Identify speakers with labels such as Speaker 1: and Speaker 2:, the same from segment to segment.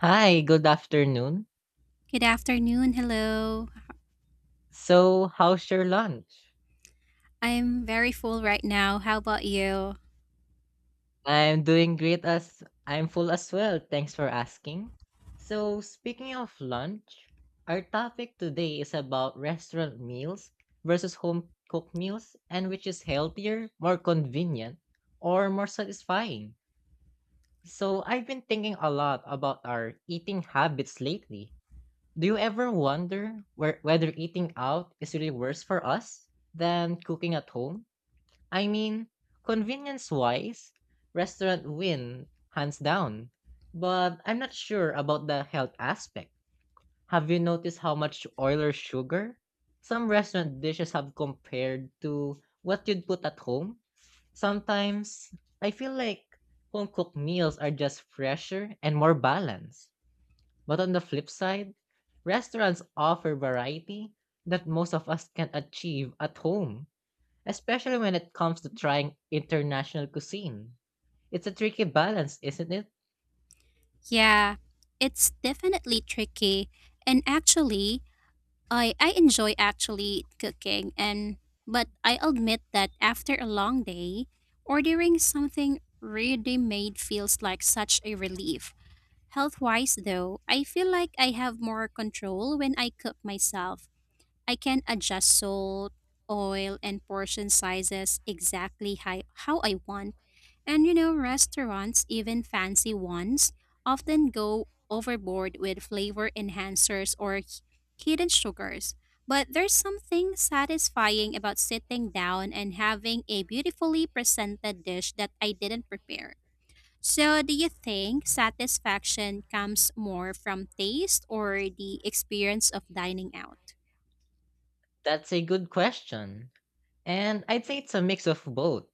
Speaker 1: Hi, good afternoon.
Speaker 2: Good afternoon. Hello.
Speaker 1: So, how's your lunch?
Speaker 2: I'm very full right now. How about you?
Speaker 1: I'm doing great as I'm full as well. Thanks for asking. So, speaking of lunch, our topic today is about restaurant meals versus home cooked meals and which is healthier, more convenient, or more satisfying. So, I've been thinking a lot about our eating habits lately. Do you ever wonder whether eating out is really worse for us than cooking at home? I mean, convenience-wise, restaurant win hands down. But I'm not sure about the health aspect. Have you noticed how much oil or sugar some restaurant dishes have compared to what you'd put at home? Sometimes I feel like home-cooked meals are just fresher and more balanced. But on the flip side, restaurants offer variety that most of us can't achieve at home especially when it comes to trying international cuisine. It's a tricky balance, isn't it?
Speaker 2: Yeah, it's definitely tricky. And actually, I enjoy actually cooking and but I admit that after a long day, ordering something ready made feels like such a relief. Health-wise though, I feel like I have more control when I cook myself. I can adjust salt, oil, and portion sizes exactly how I want. And you know, restaurants, even fancy ones, often go overboard with flavor enhancers or hidden sugars. But there's something satisfying about sitting down and having a beautifully presented dish that I didn't prepare. So, do you think satisfaction comes more from taste or the experience of dining out?
Speaker 1: That's a good question. And I'd say it's a mix of both.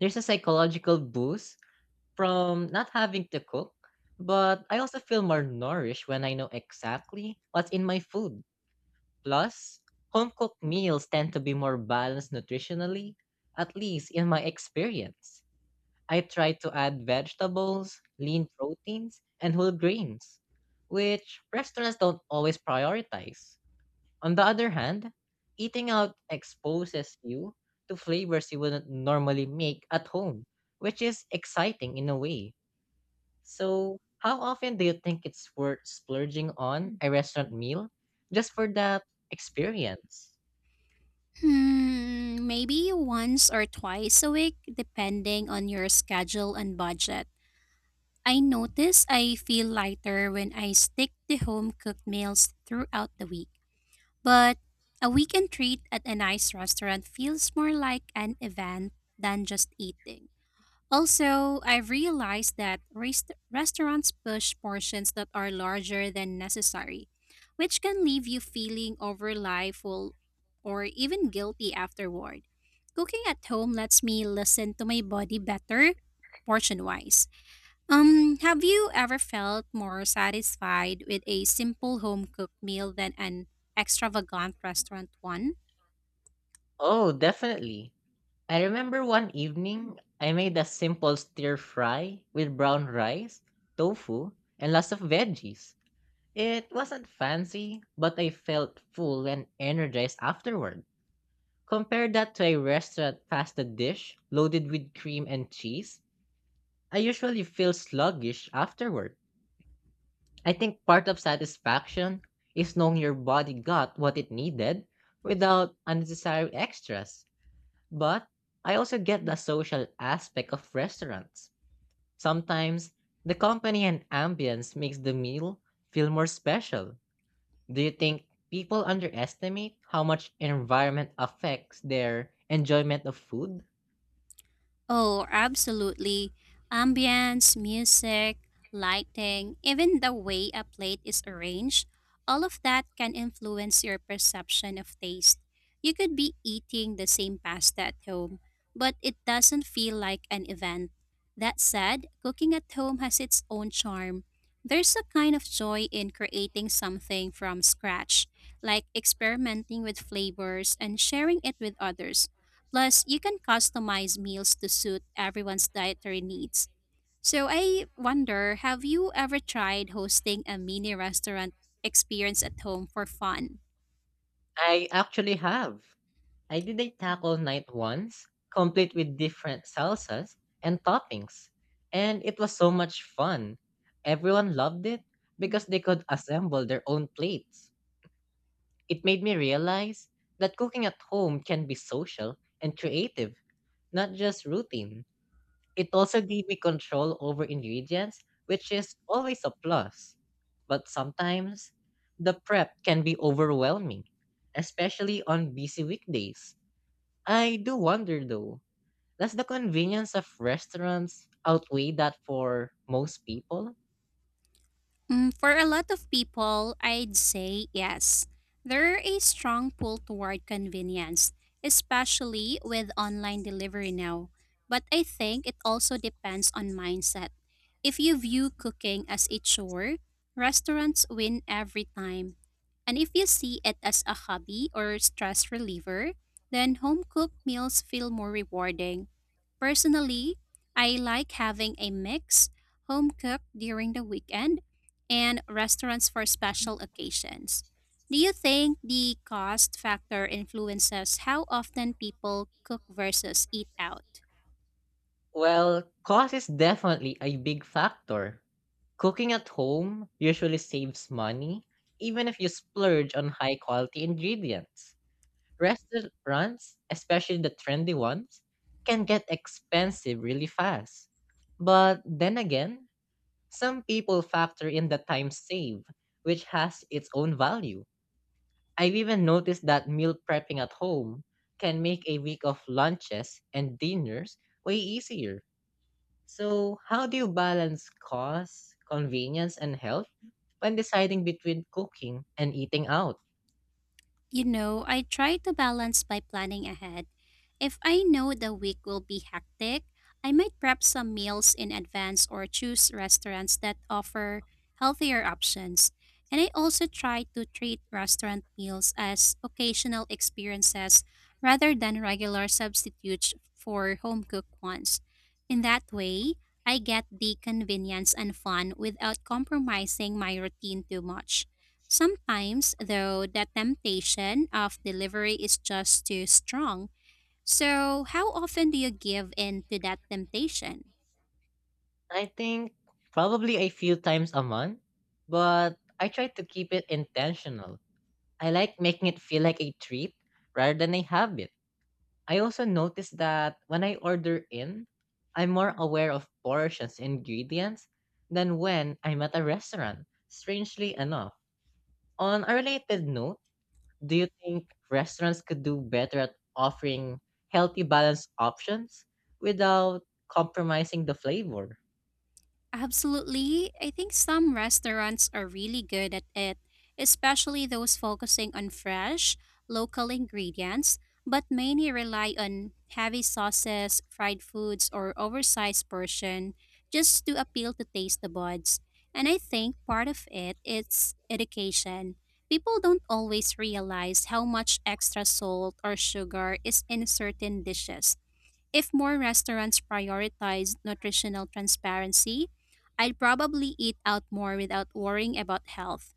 Speaker 1: There's a psychological boost from not having to cook, but I also feel more nourished when I know exactly what's in my food. Plus, home cooked meals tend to be more balanced nutritionally, at least in my experience. I try to add vegetables, lean proteins, and whole grains, which restaurants don't always prioritize. On the other hand, eating out exposes you to flavors you wouldn't normally make at home, which is exciting in a way. So, how often do you think it's worth splurging on a restaurant meal just for that experience?
Speaker 2: Hmm, maybe once or twice a week, depending on your schedule and budget. I notice I feel lighter when I stick to home cooked meals throughout the week. But a weekend treat at a nice restaurant feels more like an event than just eating. Also, I've realized that restaurants push portions that are larger than necessary, which can leave you feeling overly or even guilty afterward. Cooking at home lets me listen to my body better portion wise. Have you ever felt more satisfied with a simple home cooked meal than an extravagant restaurant one?
Speaker 1: Oh, definitely. I remember one evening I made a simple stir fry with brown rice, tofu, and lots of veggies. It wasn't fancy, but I felt full and energized afterward. Compare that to a restaurant pasta dish loaded with cream and cheese. I usually feel sluggish afterward. I think part of satisfaction is knowing your body got what it needed without unnecessary extras. But I also get the social aspect of restaurants. Sometimes the company and ambience makes the meal feel more special. Do you think people underestimate how much environment affects their enjoyment of food?
Speaker 2: Oh, absolutely. Ambience, music, lighting, even the way a plate is arranged, all of that can influence your perception of taste. You could be eating the same pasta at home, but it doesn't feel like an event. That said, cooking at home has its own charm. There's a kind of joy in creating something from scratch, like experimenting with flavors and sharing it with others. Plus, you can customize meals to suit everyone's dietary needs. So, I wonder, have you ever tried hosting a mini restaurant experience at home for fun?
Speaker 1: I actually have. I did a taco night once, complete with different salsas and toppings. And it was so much fun. Everyone loved it because they could assemble their own plates. It made me realize that cooking at home can be social and creative, not just routine. It also gave me control over ingredients, which is always a plus. But sometimes, the prep can be overwhelming, especially on busy weekdays. I do wonder though, does the convenience of restaurants outweigh that for most people?
Speaker 2: Mm, for a lot of people, I'd say yes. There are a strong pull toward convenience, especially with online delivery now. But I think it also depends on mindset. If you view cooking as a chore, restaurants win every time. And if you see it as a hobby or stress reliever, then home cooked meals feel more rewarding. Personally, I like having a mix, home cooked during the weekend and restaurants for special occasions. Do you think the cost factor influences how often people cook versus eat out?
Speaker 1: Well, cost is definitely a big factor. Cooking at home usually saves money, even if you splurge on high quality ingredients. Restaurants, especially the trendy ones, can get expensive really fast. But then again, some people factor in the time saved, which has its own value. I've even noticed that meal prepping at home can make a week of lunches and dinners way easier. So, how do you balance cost, convenience, and health when deciding between cooking and eating out?
Speaker 2: You know, I try to balance by planning ahead. If I know the week will be hectic, I might prep some meals in advance or choose restaurants that offer healthier options. And I also try to treat restaurant meals as occasional experiences rather than regular substitutes for home cooked ones. In that way, I get the convenience and fun without compromising my routine too much. Sometimes, though, the temptation of delivery is just too strong. So, how often do you give in to that temptation?
Speaker 1: I think probably a few times a month, but I try to keep it intentional. I like making it feel like a treat rather than a habit. I also notice that when I order in, I'm more aware of portions and ingredients than when I'm at a restaurant, strangely enough. On a related note, do you think restaurants could do better at offering healthy, balanced options without compromising the flavor?
Speaker 2: Absolutely. I think some restaurants are really good at it, especially those focusing on fresh, local ingredients, but many rely on heavy sauces, fried foods, or oversized portion just to appeal to taste the buds. And I think part of it is education. People don't always realize how much extra salt or sugar is in certain dishes. If more restaurants prioritized nutritional transparency, I'd probably eat out more without worrying about health.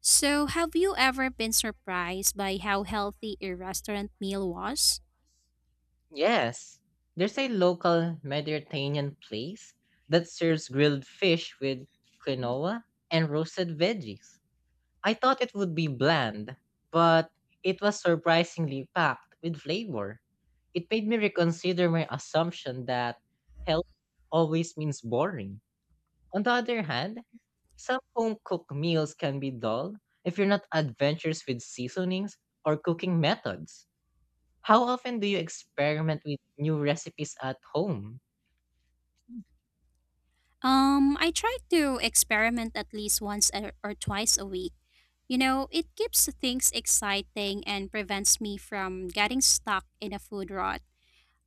Speaker 2: So, have you ever been surprised by how healthy a restaurant meal was?
Speaker 1: Yes, there's a local Mediterranean place that serves grilled fish with quinoa and roasted veggies. I thought it would be bland, but it was surprisingly packed with flavor. It made me reconsider my assumption that health always means boring. On the other hand, some home-cooked meals can be dull if you're not adventurous with seasonings or cooking methods. How often do you experiment with new recipes at home?
Speaker 2: I try to experiment at least once or twice a week. You know, it keeps things exciting and prevents me from getting stuck in a food rut.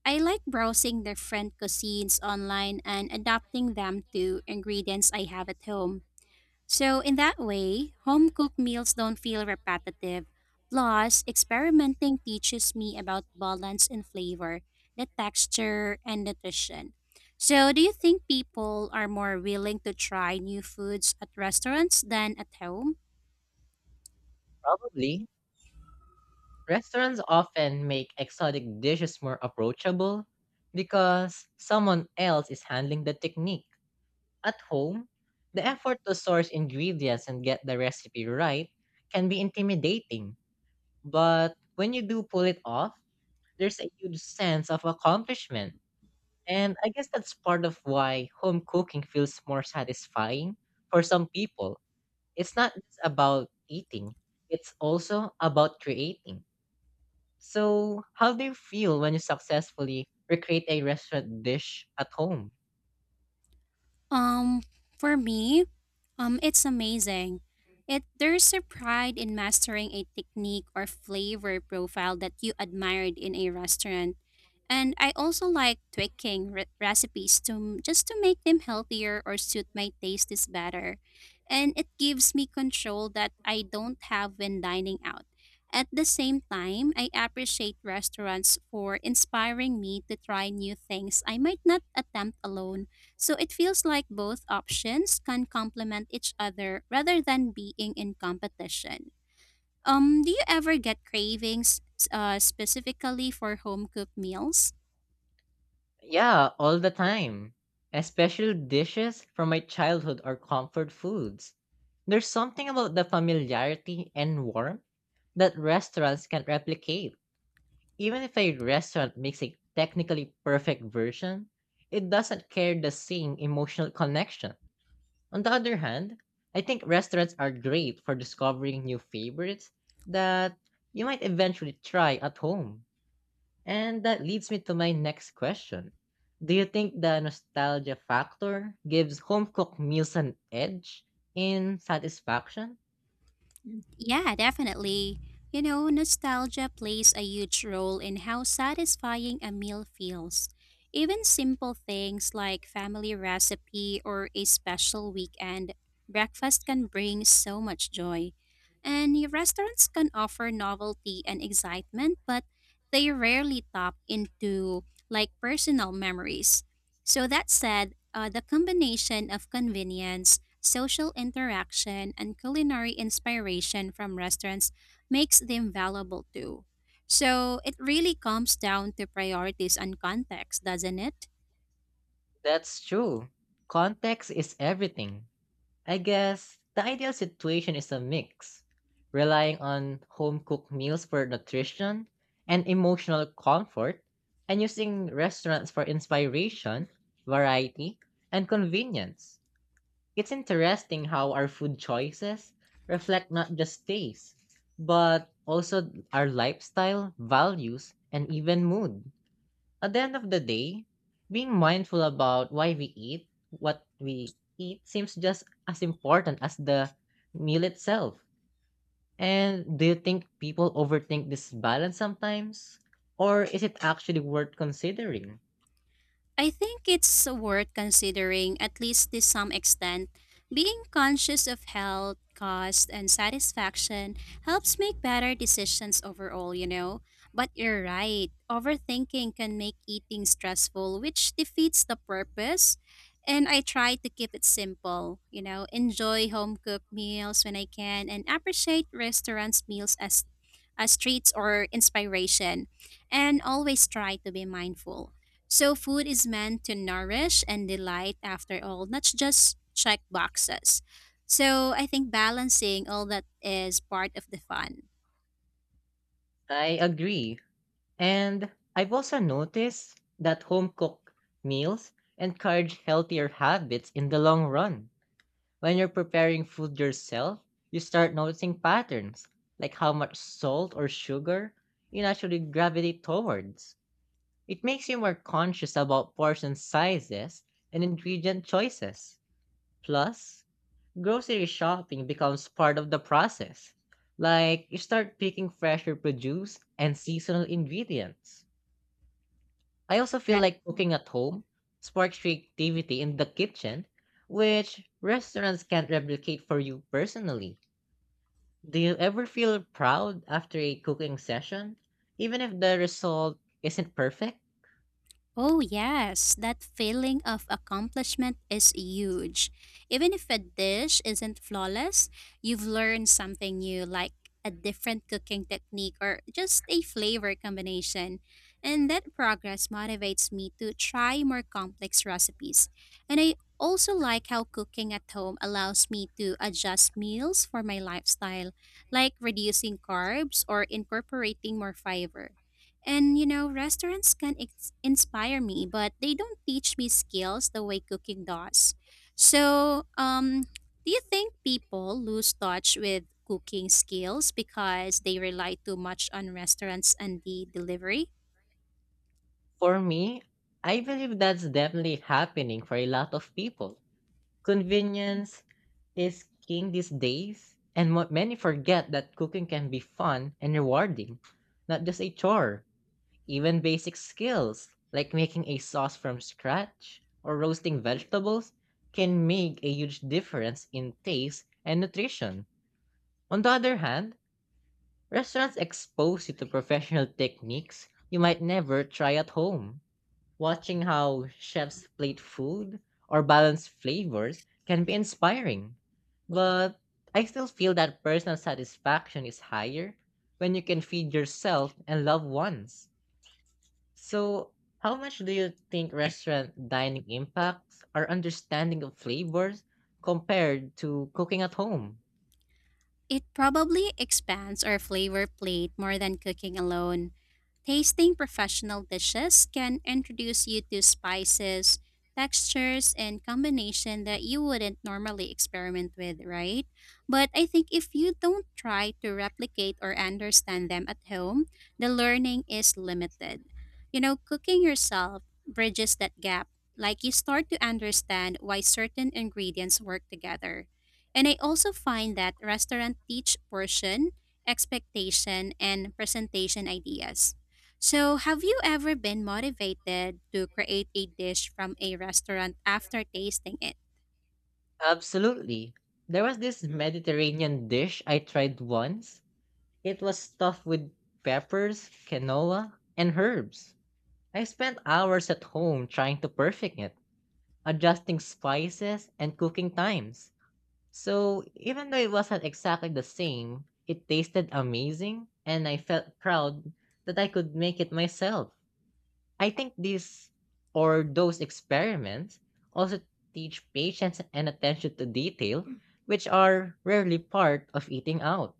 Speaker 2: I like browsing different cuisines online and adapting them to ingredients I have at home. So, in that way, home cooked meals don't feel repetitive. Plus, experimenting teaches me about balance and flavor, the texture, and nutrition. So, do you think people are more willing to try new foods at restaurants than at home?
Speaker 1: Probably, restaurants often make exotic dishes more approachable because someone else is handling the technique. At home, the effort to source ingredients and get the recipe right can be intimidating, but when you do pull it off, there's a huge sense of accomplishment. And I guess that's part of why home cooking feels more satisfying for some people. It's not just about eating, it's also about creating. So, how do you feel when you successfully recreate a restaurant dish at home?
Speaker 2: Um, for me, it's amazing. It There's a pride in mastering a technique or flavor profile that you admired in a restaurant. And I also like tweaking recipes to just to make them healthier or suit my tastes better. And it gives me control that I don't have when dining out. At the same time, I appreciate restaurants for inspiring me to try new things I might not attempt alone, so it feels like both options can complement each other rather than being in competition. Do you ever get cravings specifically for home cooked meals?
Speaker 1: Yeah, all the time. Especially dishes from my childhood or comfort foods. There's something about the familiarity and warmth that restaurants can't replicate. Even if a restaurant makes a technically perfect version, it doesn't carry the same emotional connection. On the other hand, I think restaurants are great for discovering new favorites that you might eventually try at home. And that leads me to my next question. Do you think the nostalgia factor gives home cooked meals an edge in satisfaction?
Speaker 2: Yeah, definitely. You know, nostalgia plays a huge role in how satisfying a meal feels. Even simple things like family recipe or a special weekend breakfast can bring so much joy. And your restaurants can offer novelty and excitement, but they rarely tap into like personal memories. So that said, the combination of convenience, social interaction, and culinary inspiration from restaurants makes them valuable too. So it really comes down to priorities and context, doesn't it?
Speaker 1: That's true. Context is everything. I guess the ideal situation is a mix, relying on home cooked meals for nutrition and emotional comfort, and using restaurants for inspiration, variety, and convenience. It's interesting how our food choices reflect not just taste, but also our lifestyle, values, and even mood. At the end of the day, being mindful about why we eat, what we eat, seems just as important as the meal itself. And do you think people overthink this balance sometimes? Or is it actually worth considering?
Speaker 2: I think it's worth considering, at least to some extent. Being conscious of health, cost, and satisfaction helps make better decisions overall, you know. But you're right, overthinking can make eating stressful, which defeats the purpose. And I try to keep it simple, you know, enjoy home cooked meals when I can and appreciate restaurants' meals as treats or inspiration. And always try to be mindful. So food is meant to nourish and delight after all, not just check boxes. So I think balancing all that is part of the fun,
Speaker 1: I agree. And I've also noticed that home cooked meals encourage healthier habits in the long run. When you're preparing food yourself, you start noticing patterns, like how much salt or sugar you naturally gravitate towards. It makes you more conscious about portion sizes and ingredient choices. Plus, grocery shopping becomes part of the process. Like, you start picking fresher produce and seasonal ingredients. I also feel
Speaker 2: right?
Speaker 1: like cooking at home sparks creativity in the kitchen, which restaurants can't replicate for you personally. Do you ever feel proud after a cooking session, even if the result isn't perfect?
Speaker 2: Oh, yes, that feeling of accomplishment is huge. Even if a dish isn't flawless, you've learned something new, like a different cooking technique or just a flavor combination. And that progress motivates me to try more complex recipes. And I also like how cooking at home allows me to adjust meals for my lifestyle, like reducing carbs or incorporating more fiber. And you know, restaurants can inspire me, but they don't teach me skills the way cooking does. So, do you think people lose touch with cooking skills because they rely too much on restaurants and the delivery?
Speaker 1: For me, I believe that's definitely happening for a lot of people. Convenience is king these days, and many forget that cooking can be fun and rewarding, not just a chore. Even basic skills like making a sauce from scratch or roasting vegetables can make a huge difference in taste and nutrition. On the other hand, restaurants expose you to professional techniques you might never try at home. Watching how chefs plate food or balance flavors can be inspiring, but I still feel that personal satisfaction is higher when you can feed yourself and loved ones. So, how much do you think restaurant dining impacts our understanding of flavors compared to cooking at home?
Speaker 2: It probably expands our flavor plate more than cooking alone. Tasting professional dishes can introduce you to spices, textures, and combination that you wouldn't normally experiment with, right? But I think if you don't try to replicate or understand them at home, the learning is limited. You know, cooking yourself bridges that gap. Like you start to understand why certain ingredients work together, and I also find that restaurant teach portion, expectation, and presentation ideas. So, have you ever been motivated to create a dish from a restaurant after tasting it?
Speaker 1: Absolutely. There was this Mediterranean dish I tried once. It was stuffed with peppers, quinoa, and herbs. I spent hours at home trying to perfect it, adjusting spices and cooking times. So, even though it wasn't exactly the same, it tasted amazing, and I felt proud that I could make it myself. I think these or those experiments also teach patience and attention to detail, which are rarely part of eating out.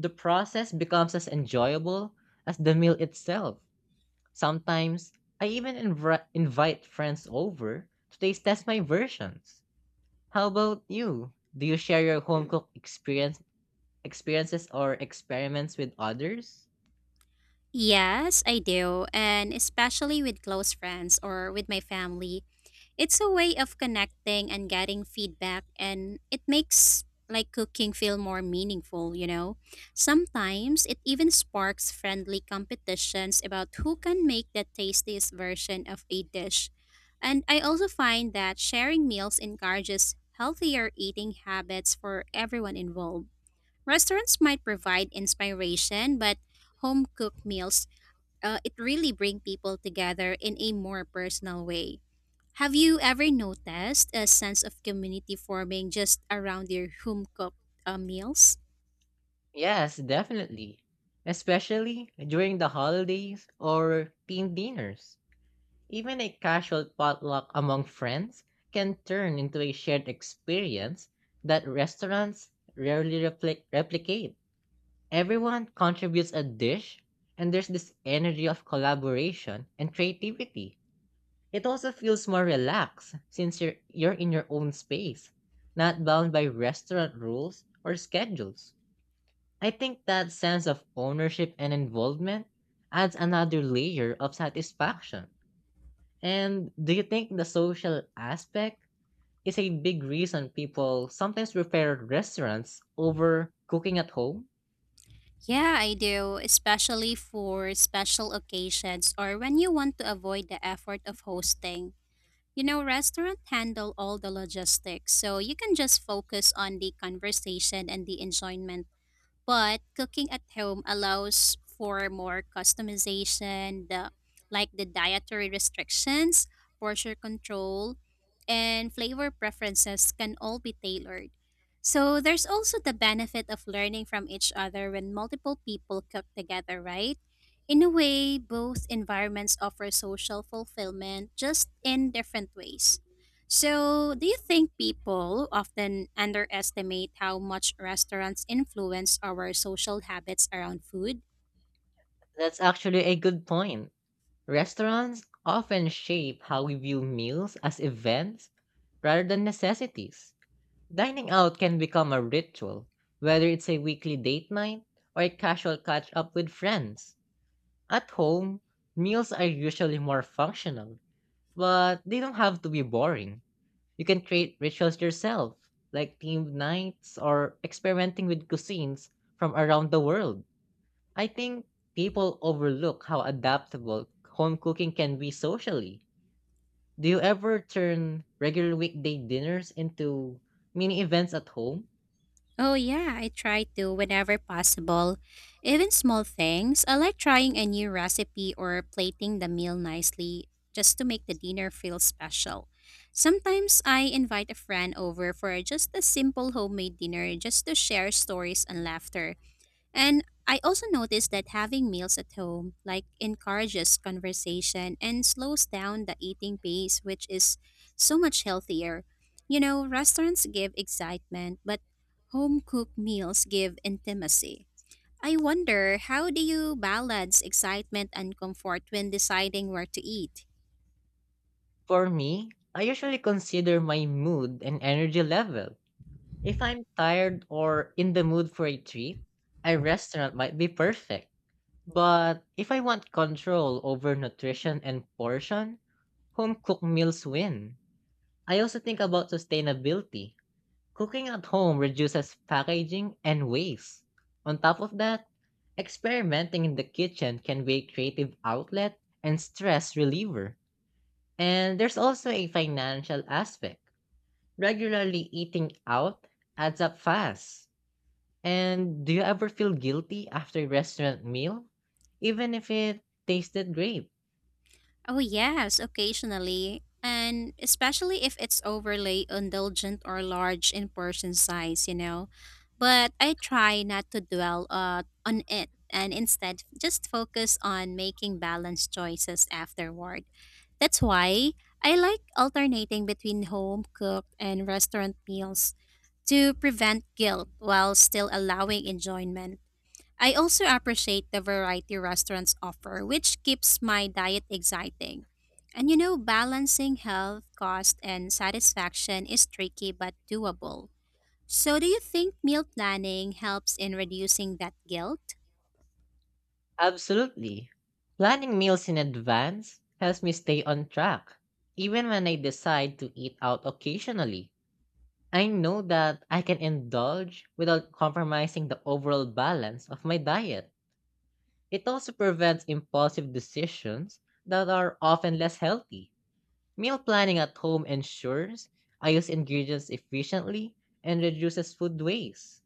Speaker 1: The process becomes as enjoyable as the meal itself. Sometimes I even invite friends over to taste test my versions. How about you? Do you share your home cooked experience experiences or experiments with others?
Speaker 2: Yes, I do, and especially with close friends or with my family. It's a way of connecting and getting feedback and it makes like cooking feel more meaningful, you know. Sometimes it even sparks friendly competitions about who can make the tastiest version of a dish. And I also find that sharing meals encourages healthier eating habits for everyone involved. Restaurants might provide inspiration, but home cooked meals, it really bring people together in a more personal way. Have you ever noticed a sense of community forming just around your home cooked meals?
Speaker 1: Yes, definitely. Especially during the holidays or team dinners. Even a casual potluck among friends can turn into a shared experience that restaurants rarely replicate. Everyone contributes a dish, and there's this energy of collaboration and creativity. It also feels more relaxed since you're in your own space, not bound by restaurant rules or schedules. I think that sense of ownership and involvement adds another layer of satisfaction. And do you think the social aspect is a big reason people sometimes prefer restaurants over cooking at home?
Speaker 2: Yeah, I do, especially for special occasions or when you want to avoid the effort of hosting. You know, restaurants handle all the logistics, so you can just focus on the conversation and the enjoyment, but cooking at home allows for more customization, the like the dietary restrictions, portion control, and flavor preferences can all be tailored. So there's also the benefit of learning from each other when multiple people cook together, right? In a way both environments offer social fulfillment just in different ways. So, do you think people often underestimate how much restaurants influence our social habits around food?
Speaker 1: That's actually a good point. Restaurants often shape how we view meals as events rather than necessities. Dining out can become a ritual, whether it's a weekly date night or a casual catch up with friends. At home, meals are usually more functional, but they don't have to be boring. You can create rituals yourself, like themed nights or experimenting with cuisines from around the world. I think people overlook how adaptable home cooking can be socially. Do you ever turn regular weekday dinners into mini events at home?
Speaker 2: Oh, yeah, I try to whenever possible. Even small things, I like trying a new recipe or plating the meal nicely just to make the dinner feel special. Sometimes I invite a friend over for just a simple homemade dinner just to share stories and laughter. And I also noticed that having meals at home like encourages conversation and slows down the eating pace, which is so much healthier. You know, restaurants give excitement, but home cooked meals give intimacy. I wonder, how do you balance excitement and comfort when deciding where to eat?
Speaker 1: For me, I usually consider my mood and energy level. If I'm tired or in the mood for a treat, a restaurant might be perfect. But if I want control over nutrition and portion, home cooked meals win. I also think about sustainability. Cooking at home reduces packaging and waste. On top of that, experimenting in the kitchen can be a creative outlet and stress reliever. And there's also a financial aspect. Regularly eating out adds up fast and do you ever feel guilty after a restaurant meal? Even if it tasted great?
Speaker 2: Oh, yes, occasionally. And especially if it's overly indulgent or large in portion size, you know. But I try not to dwell on it and instead just focus on making balanced choices afterward. That's why I like alternating between home cooked and restaurant meals to prevent guilt while still allowing enjoyment. I also appreciate the variety restaurants offer, which keeps my diet exciting. And you know, balancing health, cost, and satisfaction is tricky but doable. So, do you think meal planning helps in reducing that guilt?
Speaker 1: Absolutely. Planning meals in advance helps me stay on track. Even when I decide to eat out occasionally, I know that I can indulge without compromising the overall balance of my diet. It also prevents impulsive decisions that are often less healthy. Meal planning at home ensures I use ingredients efficiently and reduces food waste.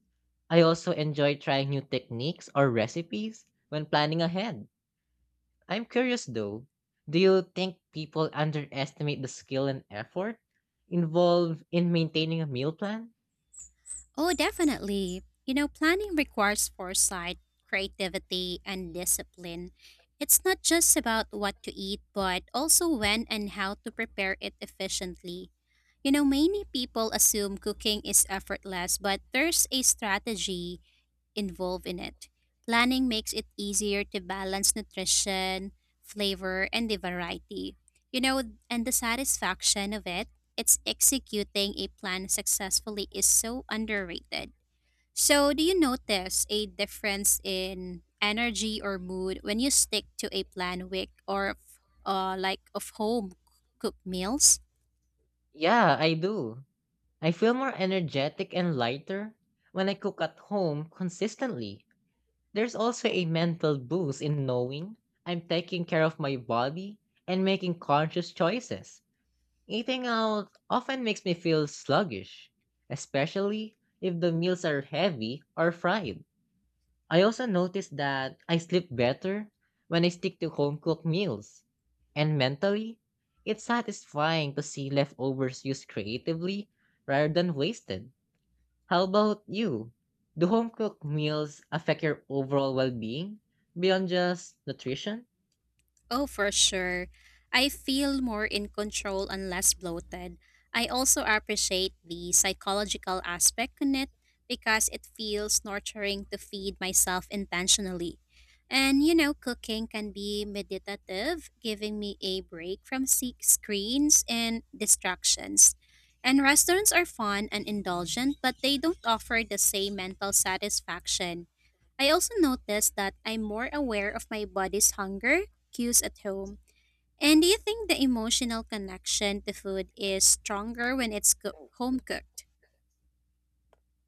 Speaker 1: I also enjoy trying new techniques or recipes when planning ahead. I'm curious though, do you think people underestimate the skill and effort involved in maintaining a meal plan?
Speaker 2: Oh, definitely. You know, planning requires foresight, creativity, and discipline. It's not just about what to eat, but also when and how to prepare it efficiently. You know, many people assume cooking is effortless, but there's a strategy involved in it. Planning makes it easier to balance nutrition, flavor, and the variety. You know, and the satisfaction of it, it's executing a plan successfully is so underrated. So, do you notice a difference in energy or mood when you stick to a plan week or like of home cooked meals?
Speaker 1: Yeah, I do. I feel more energetic and lighter when I cook at home consistently. There's also a mental boost in knowing I'm taking care of my body and making conscious choices. Eating out often makes me feel sluggish, especially if the meals are heavy or fried. I also notice that I sleep better when I stick to home cooked meals. And mentally, it's satisfying to see leftovers used creatively rather than wasted. How about you? Do home cooked meals affect your overall well being beyond just nutrition?
Speaker 2: Oh, for sure. I feel more in control and less bloated. I also appreciate the psychological aspect in it because it feels nurturing to feed myself intentionally. And you know, cooking can be meditative, giving me a break from screens and distractions. And restaurants are fun and indulgent, but they don't offer the same mental satisfaction. I also noticed that I'm more aware of my body's hunger cues at home. And do you think the emotional connection to food is stronger when it's home cooked?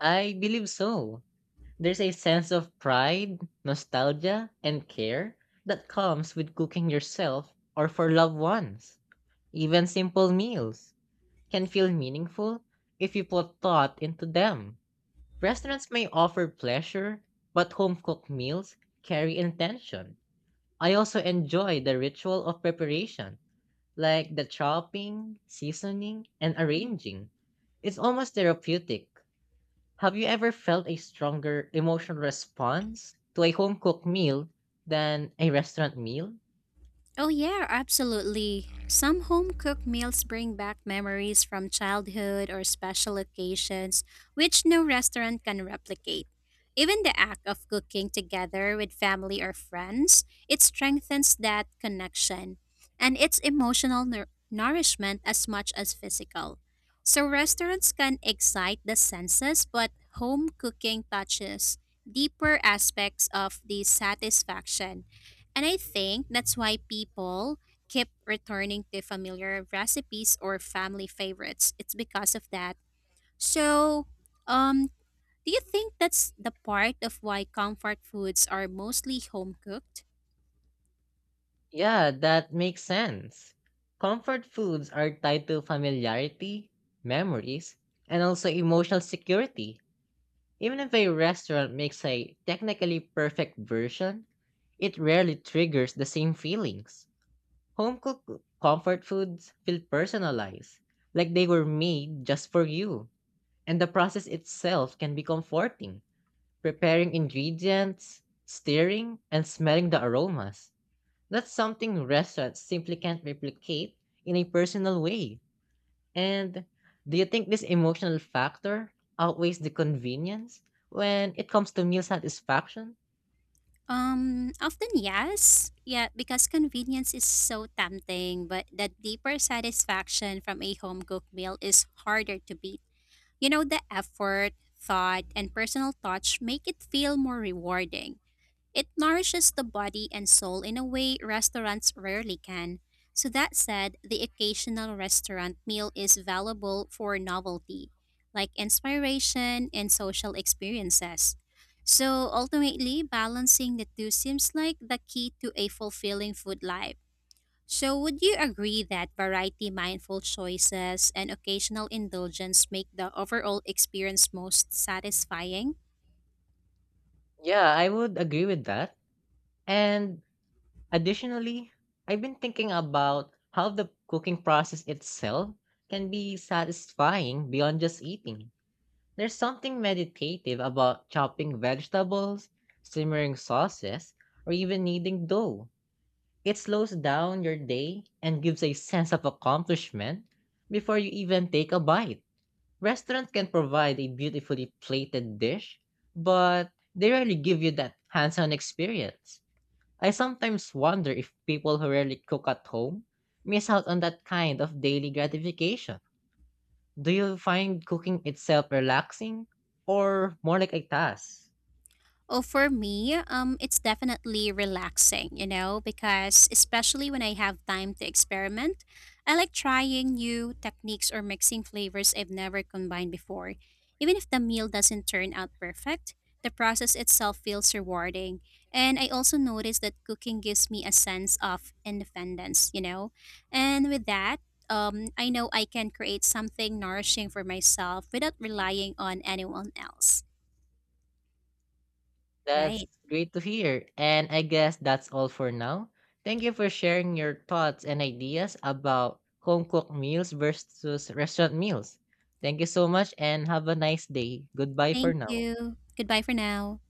Speaker 1: I believe so. There's a sense of pride, nostalgia, and care that comes with cooking yourself or for loved ones. Even simple meals can feel meaningful if you put thought into them. Restaurants may offer pleasure, but home cooked meals carry intention. I also enjoy the ritual of preparation like the chopping, seasoning, and arranging. It's almost therapeutic. Have you ever felt a stronger emotional response to a home cooked meal than a restaurant meal?
Speaker 2: Oh, yeah, absolutely. Some home cooked meals bring back memories from childhood or special occasions, which no restaurant can replicate. Even the act of cooking together with family or friends, it strengthens that connection and it's emotional nourishment as much as physical. So, restaurants can excite the senses, but home cooking touches deeper aspects of the satisfaction, and I think that's why people keep returning to familiar recipes or family favorites. It's because of that. So, um, do you think that's the part of why comfort foods are mostly home cooked?
Speaker 1: Yeah, that makes sense. Comfort foods are tied to familiarity, memories, and also emotional security. Even if a restaurant makes a technically perfect version, it rarely triggers the same feelings. Home cooked comfort foods feel personalized, like they were made just for you. And the process itself can be comforting, preparing ingredients, stirring, and smelling the aromas. That's something restaurants simply can't replicate in a personal way. And do you think this emotional factor outweighs the convenience when it comes to meal satisfaction?
Speaker 2: Often yes. Yeah, because convenience is so tempting, but the deeper satisfaction from a home cooked meal is harder to beat. You know, the effort, thought, and personal touch make it feel more rewarding. It nourishes the body and soul in a way restaurants rarely can. So, that said, the occasional restaurant meal is valuable for novelty, like inspiration and social experiences. So, ultimately, balancing the two seems like the key to a fulfilling food life. So, would you agree that variety, mindful choices, and occasional indulgence make the overall experience most satisfying?
Speaker 1: Yeah, I would agree with that. And additionally, I've been thinking about how the cooking process itself can be satisfying beyond just eating. There's something meditative about chopping vegetables, simmering sauces, or even kneading dough. It slows down your day and gives a sense of accomplishment before you even take a bite. Restaurants can provide a beautifully plated dish, but they rarely give you that hands on experience. I sometimes wonder if people who rarely cook at home miss out on that kind of daily gratification. Do you find cooking itself relaxing or more like a task?
Speaker 2: Oh, for me, it's definitely relaxing, you know, because especially when I have time to experiment, I like trying new techniques or mixing flavors I've never combined before. Even if the meal doesn't turn out perfect, the process itself feels rewarding. And I also notice that cooking gives me a sense of independence, you know? And with that, I know I can create something nourishing for myself without relying on anyone else,
Speaker 1: That's
Speaker 2: right?
Speaker 1: great to hear. And I guess that's all for now. Thank you for sharing your thoughts and ideas about home cooked meals versus restaurant meals. Thank you so much and have a nice day. Goodbye for
Speaker 2: Thank
Speaker 1: now.
Speaker 2: you. Goodbye for now.